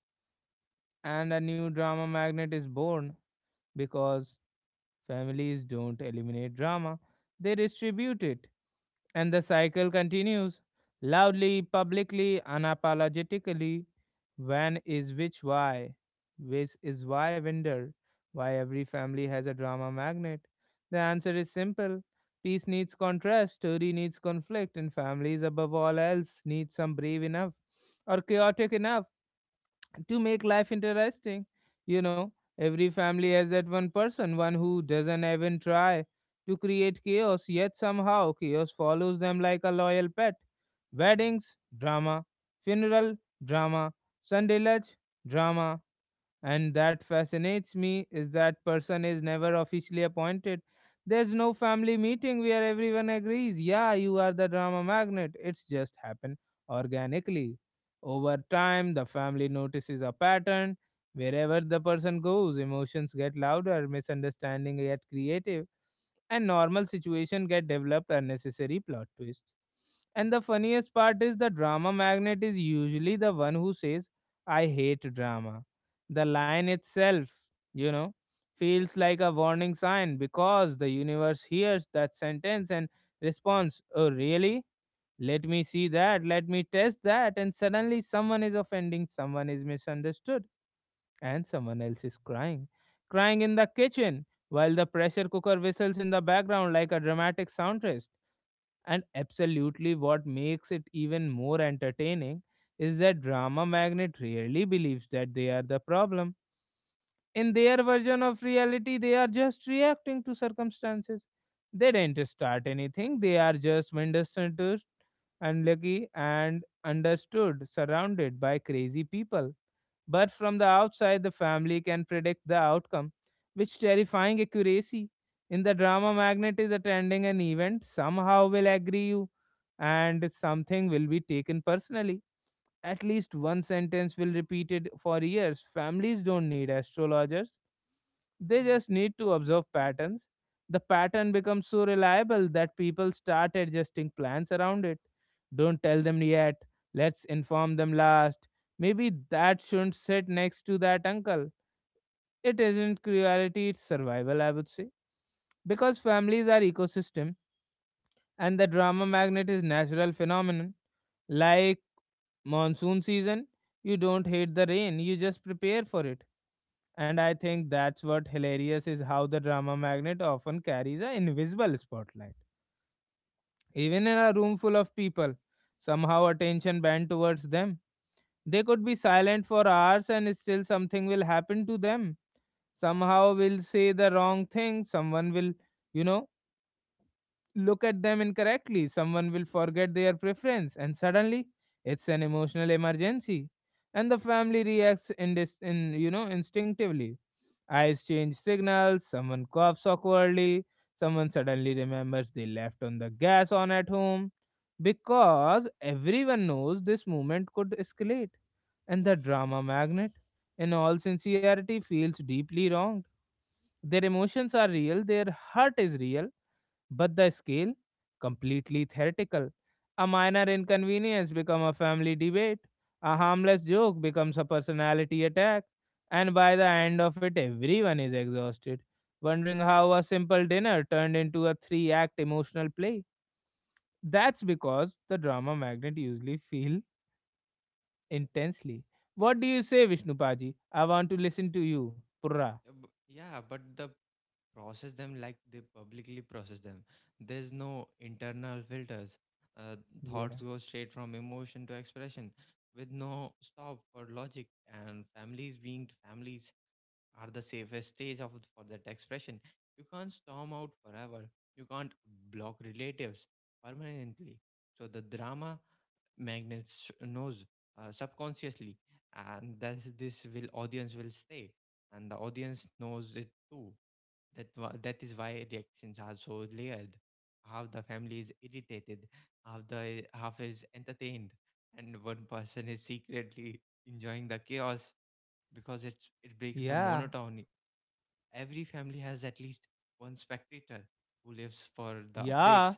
and a new drama magnet is born because families don't eliminate drama, they distribute it. And the cycle continues loudly, publicly, unapologetically. When is which why? Which is why wonder why every family has a drama magnet. The answer is simple. Peace needs contrast, story needs conflict, and families above all else need some brave enough or chaotic enough to make life interesting. You know, every family has that one person, one who doesn't even try to create chaos, yet somehow chaos follows them like a loyal pet. Weddings, drama. Funeral, drama. Sunday lunch, drama. And that fascinates me is that person is never officially appointed. There's no family meeting where everyone agrees, yeah, you are the drama magnet. It's just happened organically. Over time, the family notices a pattern. Wherever the person goes, emotions get louder, misunderstanding get creative, and normal situation get developed unnecessary plot twists. And the funniest part is the drama magnet is usually the one who says, I hate drama the line itself, you know, feels like a warning sign because the universe hears that sentence and responds, Oh, really? Let me see that. Let me test that. And suddenly, someone is offending, someone is misunderstood, and someone else is crying. Crying in the kitchen while the pressure cooker whistles in the background like a dramatic soundtrack. And absolutely, what makes it even more entertaining is that drama magnet rarely believes that they are the problem in their version of reality they are just reacting to circumstances they didn't start anything they are just misunderstood unlucky and understood surrounded by crazy people but from the outside the family can predict the outcome which terrifying accuracy in the drama magnet is attending an event somehow will agree you and something will be taken personally at least one sentence will repeat it for years. Families don't need astrologers, they just need to observe patterns. The pattern becomes so reliable that people start adjusting plans around it. Don't tell them yet, let's inform them last. Maybe that shouldn't sit next to that uncle. It isn't cruelty, it's survival, I would say because families are ecosystem and the drama magnet is natural phenomenon like monsoon season, you don't hate the rain, you just prepare for it. And I think that's what hilarious is how the drama magnet often carries an invisible spotlight. Even in a room full of people, somehow attention bent towards them. They could be silent for hours and still something will happen to them. Somehow will say the wrong thing, someone will, you know, look at them incorrectly. Someone will forget their preference, and suddenly it's an emotional emergency, and the family reacts in this, in you know, instinctively. Eyes change signals. Someone coughs awkwardly. Someone suddenly remembers they left on the gas on at home, because everyone knows this moment could escalate, and the drama magnet, in all sincerity, feels deeply wronged. Their emotions are real. Their hurt is real but the scale completely theoretical a minor inconvenience becomes a family debate a harmless joke becomes a personality attack and by the end of it everyone is exhausted wondering how a simple dinner turned into a three act emotional play that's because the drama magnet usually feel intensely what do you say vishnu paji I want to listen to you purra Yeah, bu- yeah, but the process them like they publicly process them. There's no internal filters. Uh, yeah, thoughts go straight from emotion to expression with no stop for logic. And families being families are the safest stage of for that expression. You can't storm out forever. You can't block relatives permanently. So the drama magnets knows, uh, subconsciously, and thus this will audience will stay, and the audience knows it too. That wha- that is why reactions are so layered. Half the family is irritated, half the half is entertained, and one person is secretly enjoying the chaos because it's it breaks the yeah, monotony. Every family has at least one spectator who lives for the yeah, updates.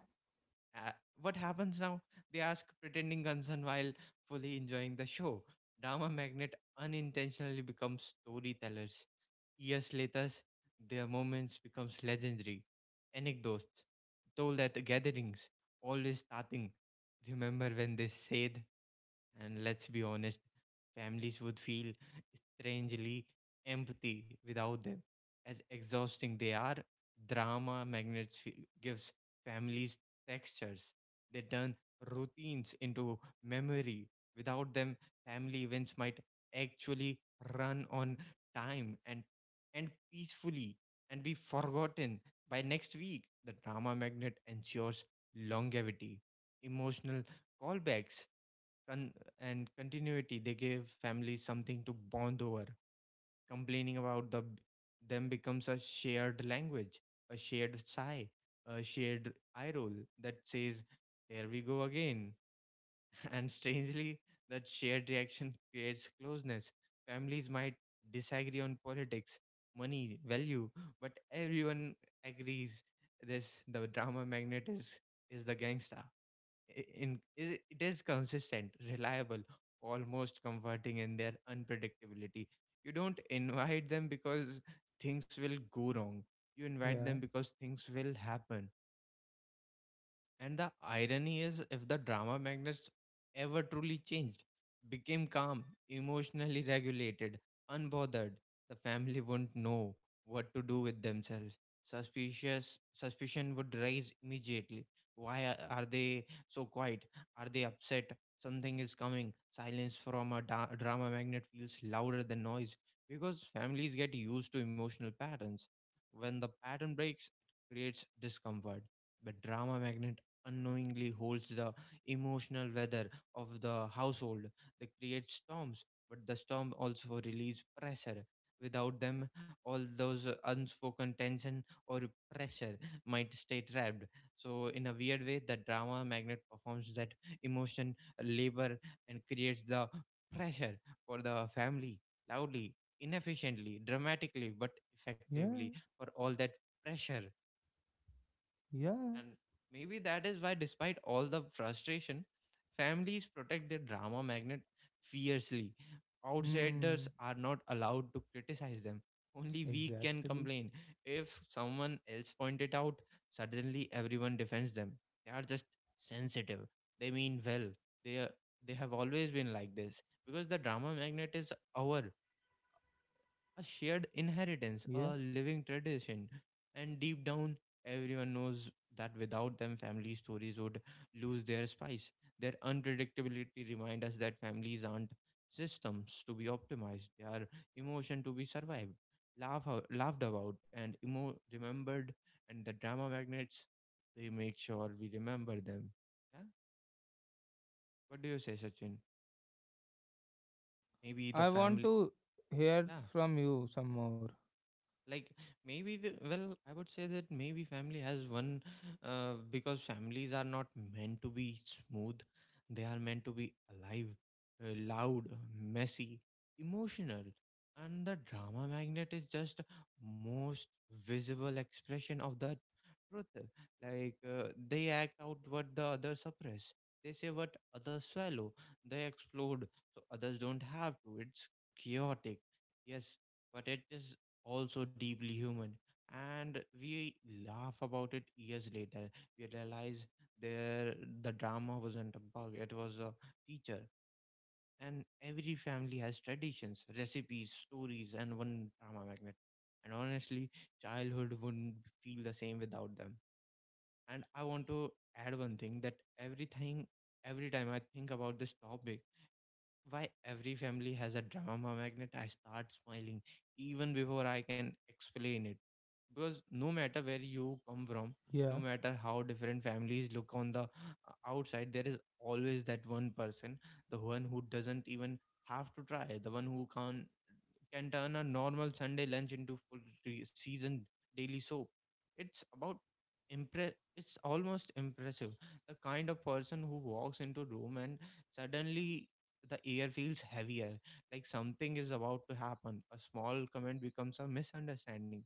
uh, what happens now? They ask, pretending concern while fully enjoying the show. Drama magnet unintentionally becomes storytellers. Years later, their moments becomes legendary. Anecdotes told at the gatherings, always starting, remember when they said, and let's be honest, families would feel strangely empty without them. As exhausting they are, drama magnets f- gives families textures. They turn routines into memory. Without them, family events might actually run on time and and peacefully and be forgotten by next week. The drama magnet ensures longevity. Emotional callbacks, con- and continuity, they gave families something to bond over. Complaining about the b- them becomes a shared language, a shared sigh, a shared eye roll that says, here we go again. And strangely, that shared reaction creates closeness. Families might disagree on politics, money value, but everyone agrees this the drama magnet is is the gangsta in is it it is consistent, reliable, almost comforting in their unpredictability. You don't invite them because things will go wrong. You invite them yeah, because things will happen. And the irony is, if the drama magnets ever truly changed, became calm, emotionally regulated, unbothered, the family wouldn't know what to do with themselves. Suspicious suspicion would rise immediately. Why a- are they so quiet? Are they upset? Something is coming. Silence from a da- drama magnet feels louder than noise because families get used to emotional patterns. When the pattern breaks, it creates discomfort, but drama magnet unknowingly holds the emotional weather of the household. They create storms, but the storm also release pressure. Without them, all those unspoken tension or pressure might stay trapped. So, in a weird way, the drama magnet performs that emotion labor and creates the pressure for the family loudly, inefficiently, dramatically, but effectively yeah, for all that pressure. yeah. And maybe that is why, despite all the frustration, families protect their drama magnet fiercely. Outsiders Hmm. are not allowed to criticize them. Only we can Exactly. complain. If someone else point it out, suddenly everyone defends them. They are just sensitive. They mean well. They are, they have always been like this because the drama magnet is our a shared inheritance, Yeah. a living tradition. And deep down, everyone knows that without them, family stories would lose their spice. Their unpredictability reminds us that families aren't systems to be optimized, they are emotion to be survived, laugh, out- laughed about, and emo- remembered. And the drama magnets, they make sure we remember them. Yeah? What do you say, Sachin? Maybe the I want family. to hear Yeah. from you some more. like Maybe the well I would say that maybe family has one. uh, because families are not meant to be smooth, they are meant to be alive, uh, loud, messy, emotional. And the drama magnet is just most visible expression of that truth. Like uh, they act out what the others suppress, they say what others swallow, they explode so others don't have to. It's chaotic, yes, but it is also deeply human. And we laugh about it years later, we realize there the drama wasn't a bug, it was a feature. And every family has traditions, recipes, stories, and one drama magnet. And honestly, childhood wouldn't feel the same without them. And I want to add one thing, that everything every time I think about this topic, why every family has a drama magnet, I start smiling even before I can explain it. Because no matter where you come from, no Yeah. matter how different families look on the uh, outside, there is always that one person, the one who doesn't even have to try, the one who can can turn a normal Sunday lunch into full re- season daily soap. it's about impress it's almost impressive, the kind of person who walks into room and suddenly the air feels heavier, like something is about to happen. A small comment becomes a misunderstanding.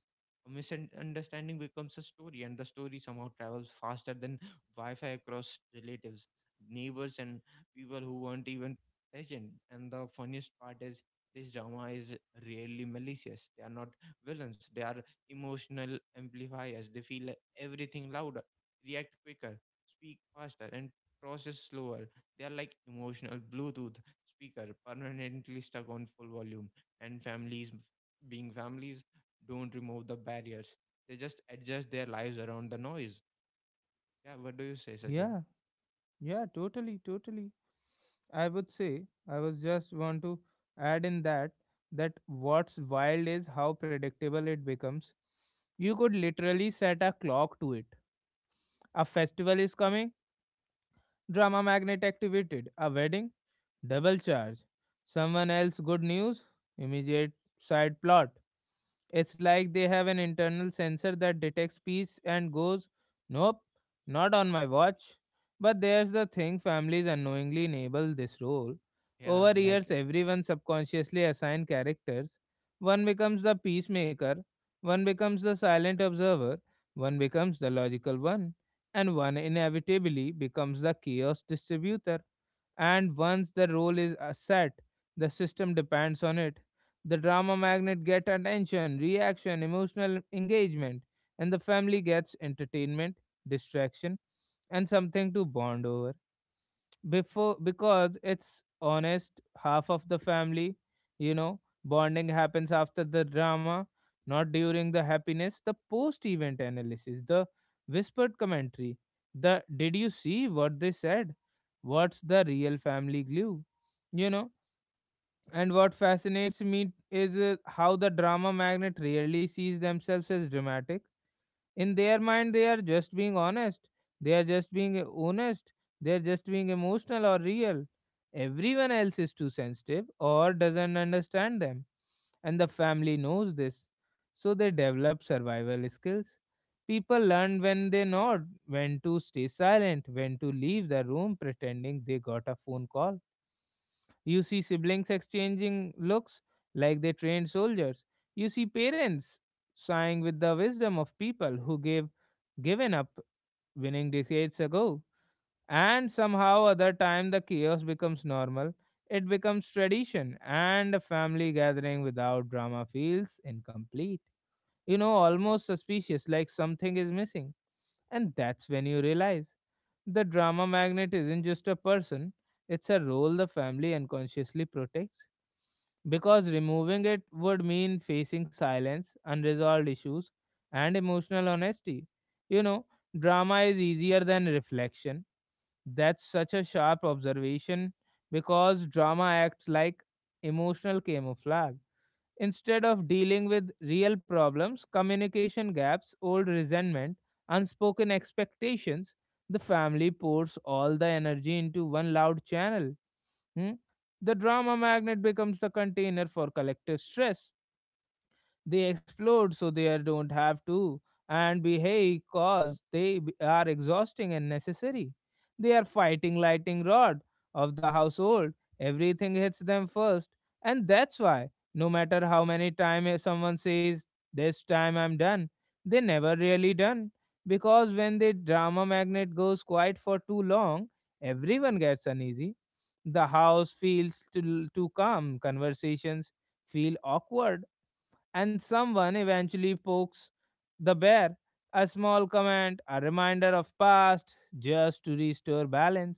A misunderstanding becomes a story, and the story somehow travels faster than Wi Fi across relatives, neighbors, and people who weren't even present. And the funniest part is this drama is really malicious. They are not villains, they are emotional amplifiers. They feel everything louder, react quicker, speak faster, and process slower. They are like emotional Bluetooth speaker permanently stuck on full volume. And families, being families, don't remove the barriers, they just adjust their lives around the noise. Yeah, what do you say, Sachin? Yeah. Yeah. Totally. Totally. I would say I was just want to add in that that what's wild is how predictable it becomes. You could literally set a clock to it. A festival is coming, drama magnet activated. A wedding, double charge. Someone else good news, immediate side plot. It's like they have an internal sensor that detects peace and goes, Nope, not on my watch. But there's the thing families unknowingly enable this role. Yeah, Over years, like, everyone subconsciously assigns characters. One becomes the peacemaker, one becomes the silent observer, one becomes the logical one, and one inevitably becomes the chaos distributor. And once the role is uh, set, the system depends on it the drama magnet get attention, reaction, emotional engagement, and the family gets entertainment, distraction, and something to bond over. Before because it's honest, half of the family, you know, bonding happens after the drama, not during the happiness. The post-event analysis, the whispered commentary, the did you see what they said? What's the real family glue? You know, and what fascinates me is uh, how the drama magnet really sees themselves as dramatic. In their mind, they are just being honest. They are just being uh, honest. They are just being emotional or real. Everyone else is too sensitive or doesn't understand them. And the family knows this. So they develop survival skills. People learn when they nod, when to stay silent, when to leave the room pretending they got a phone call you see siblings exchanging looks like they trained soldiers. You see parents sighing with the wisdom of people who gave given up winning decades ago. And somehow other time the chaos becomes normal. It becomes tradition and a family gathering without drama feels incomplete. You know, almost suspicious like something is missing. And that's when you realize the drama magnet isn't just a person, it's a role the family unconsciously protects. Because removing it would mean facing silence, unresolved issues, and emotional honesty. You know, drama is easier than reflection. That's such a sharp observation because drama acts like emotional camouflage. Instead of dealing with real problems, communication gaps, old resentment, unspoken expectations, the family pours all the energy into one loud channel. Hmm? The drama magnet becomes the container for collective stress. They explode so they are- don't have to and behave cause they b- are exhausting and necessary. They are fighting lightning rod of the household. Everything hits them first. And that's why, no matter how many times someone says, This time I'm done, they never really done. Because when the drama magnet goes quiet for too long, everyone gets uneasy. The house feels too, too calm, conversations feel awkward, and someone eventually pokes the bear. A small comment, a reminder of past, just to restore balance.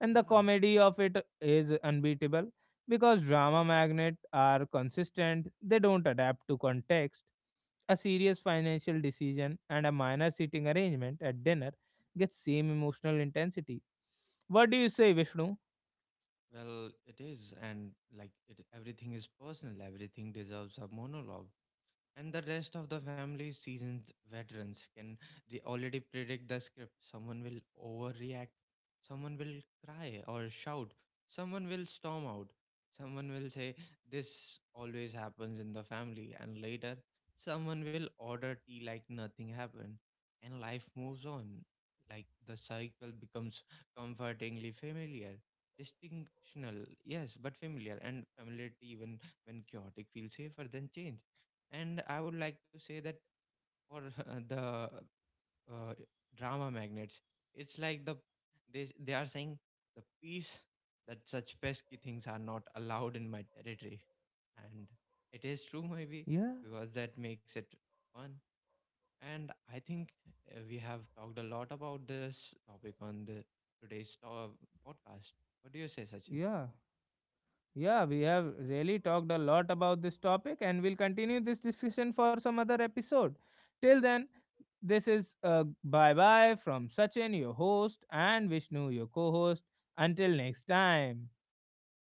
And the yeah, comedy of it is unbeatable because drama magnets are consistent, they don't adapt to context. A serious financial decision and a minor seating arrangement at dinner gets same emotional intensity. What do you say, Vishnu? well, it is. And like, it, everything is personal, everything deserves a monologue. And the rest of the family, seasoned veterans, can they already predict the script. Someone will overreact, someone will cry or shout, someone will storm out, someone will say, this always happens in the family, and later someone will order tea like nothing happened. And life moves on. Like the cycle becomes comfortingly familiar. Distinctional, yes, but familiar. And familiarity, even when chaotic, feels safer than change. And I would like to say that for the uh, drama magnets, it's like the they, s- they are saying the peace, that such pesky things are not allowed in my territory. And it is true, maybe, Yeah, because that makes it fun. And I think uh, we have talked a lot about this topic on the today's to- podcast. What do you say, Sachin? yeah. Yeah, we have really talked a lot about this topic and we'll continue this discussion for some other episode. Till then, this is a bye bye from Sachin, your host, and Vishnu, your co host. Until next time.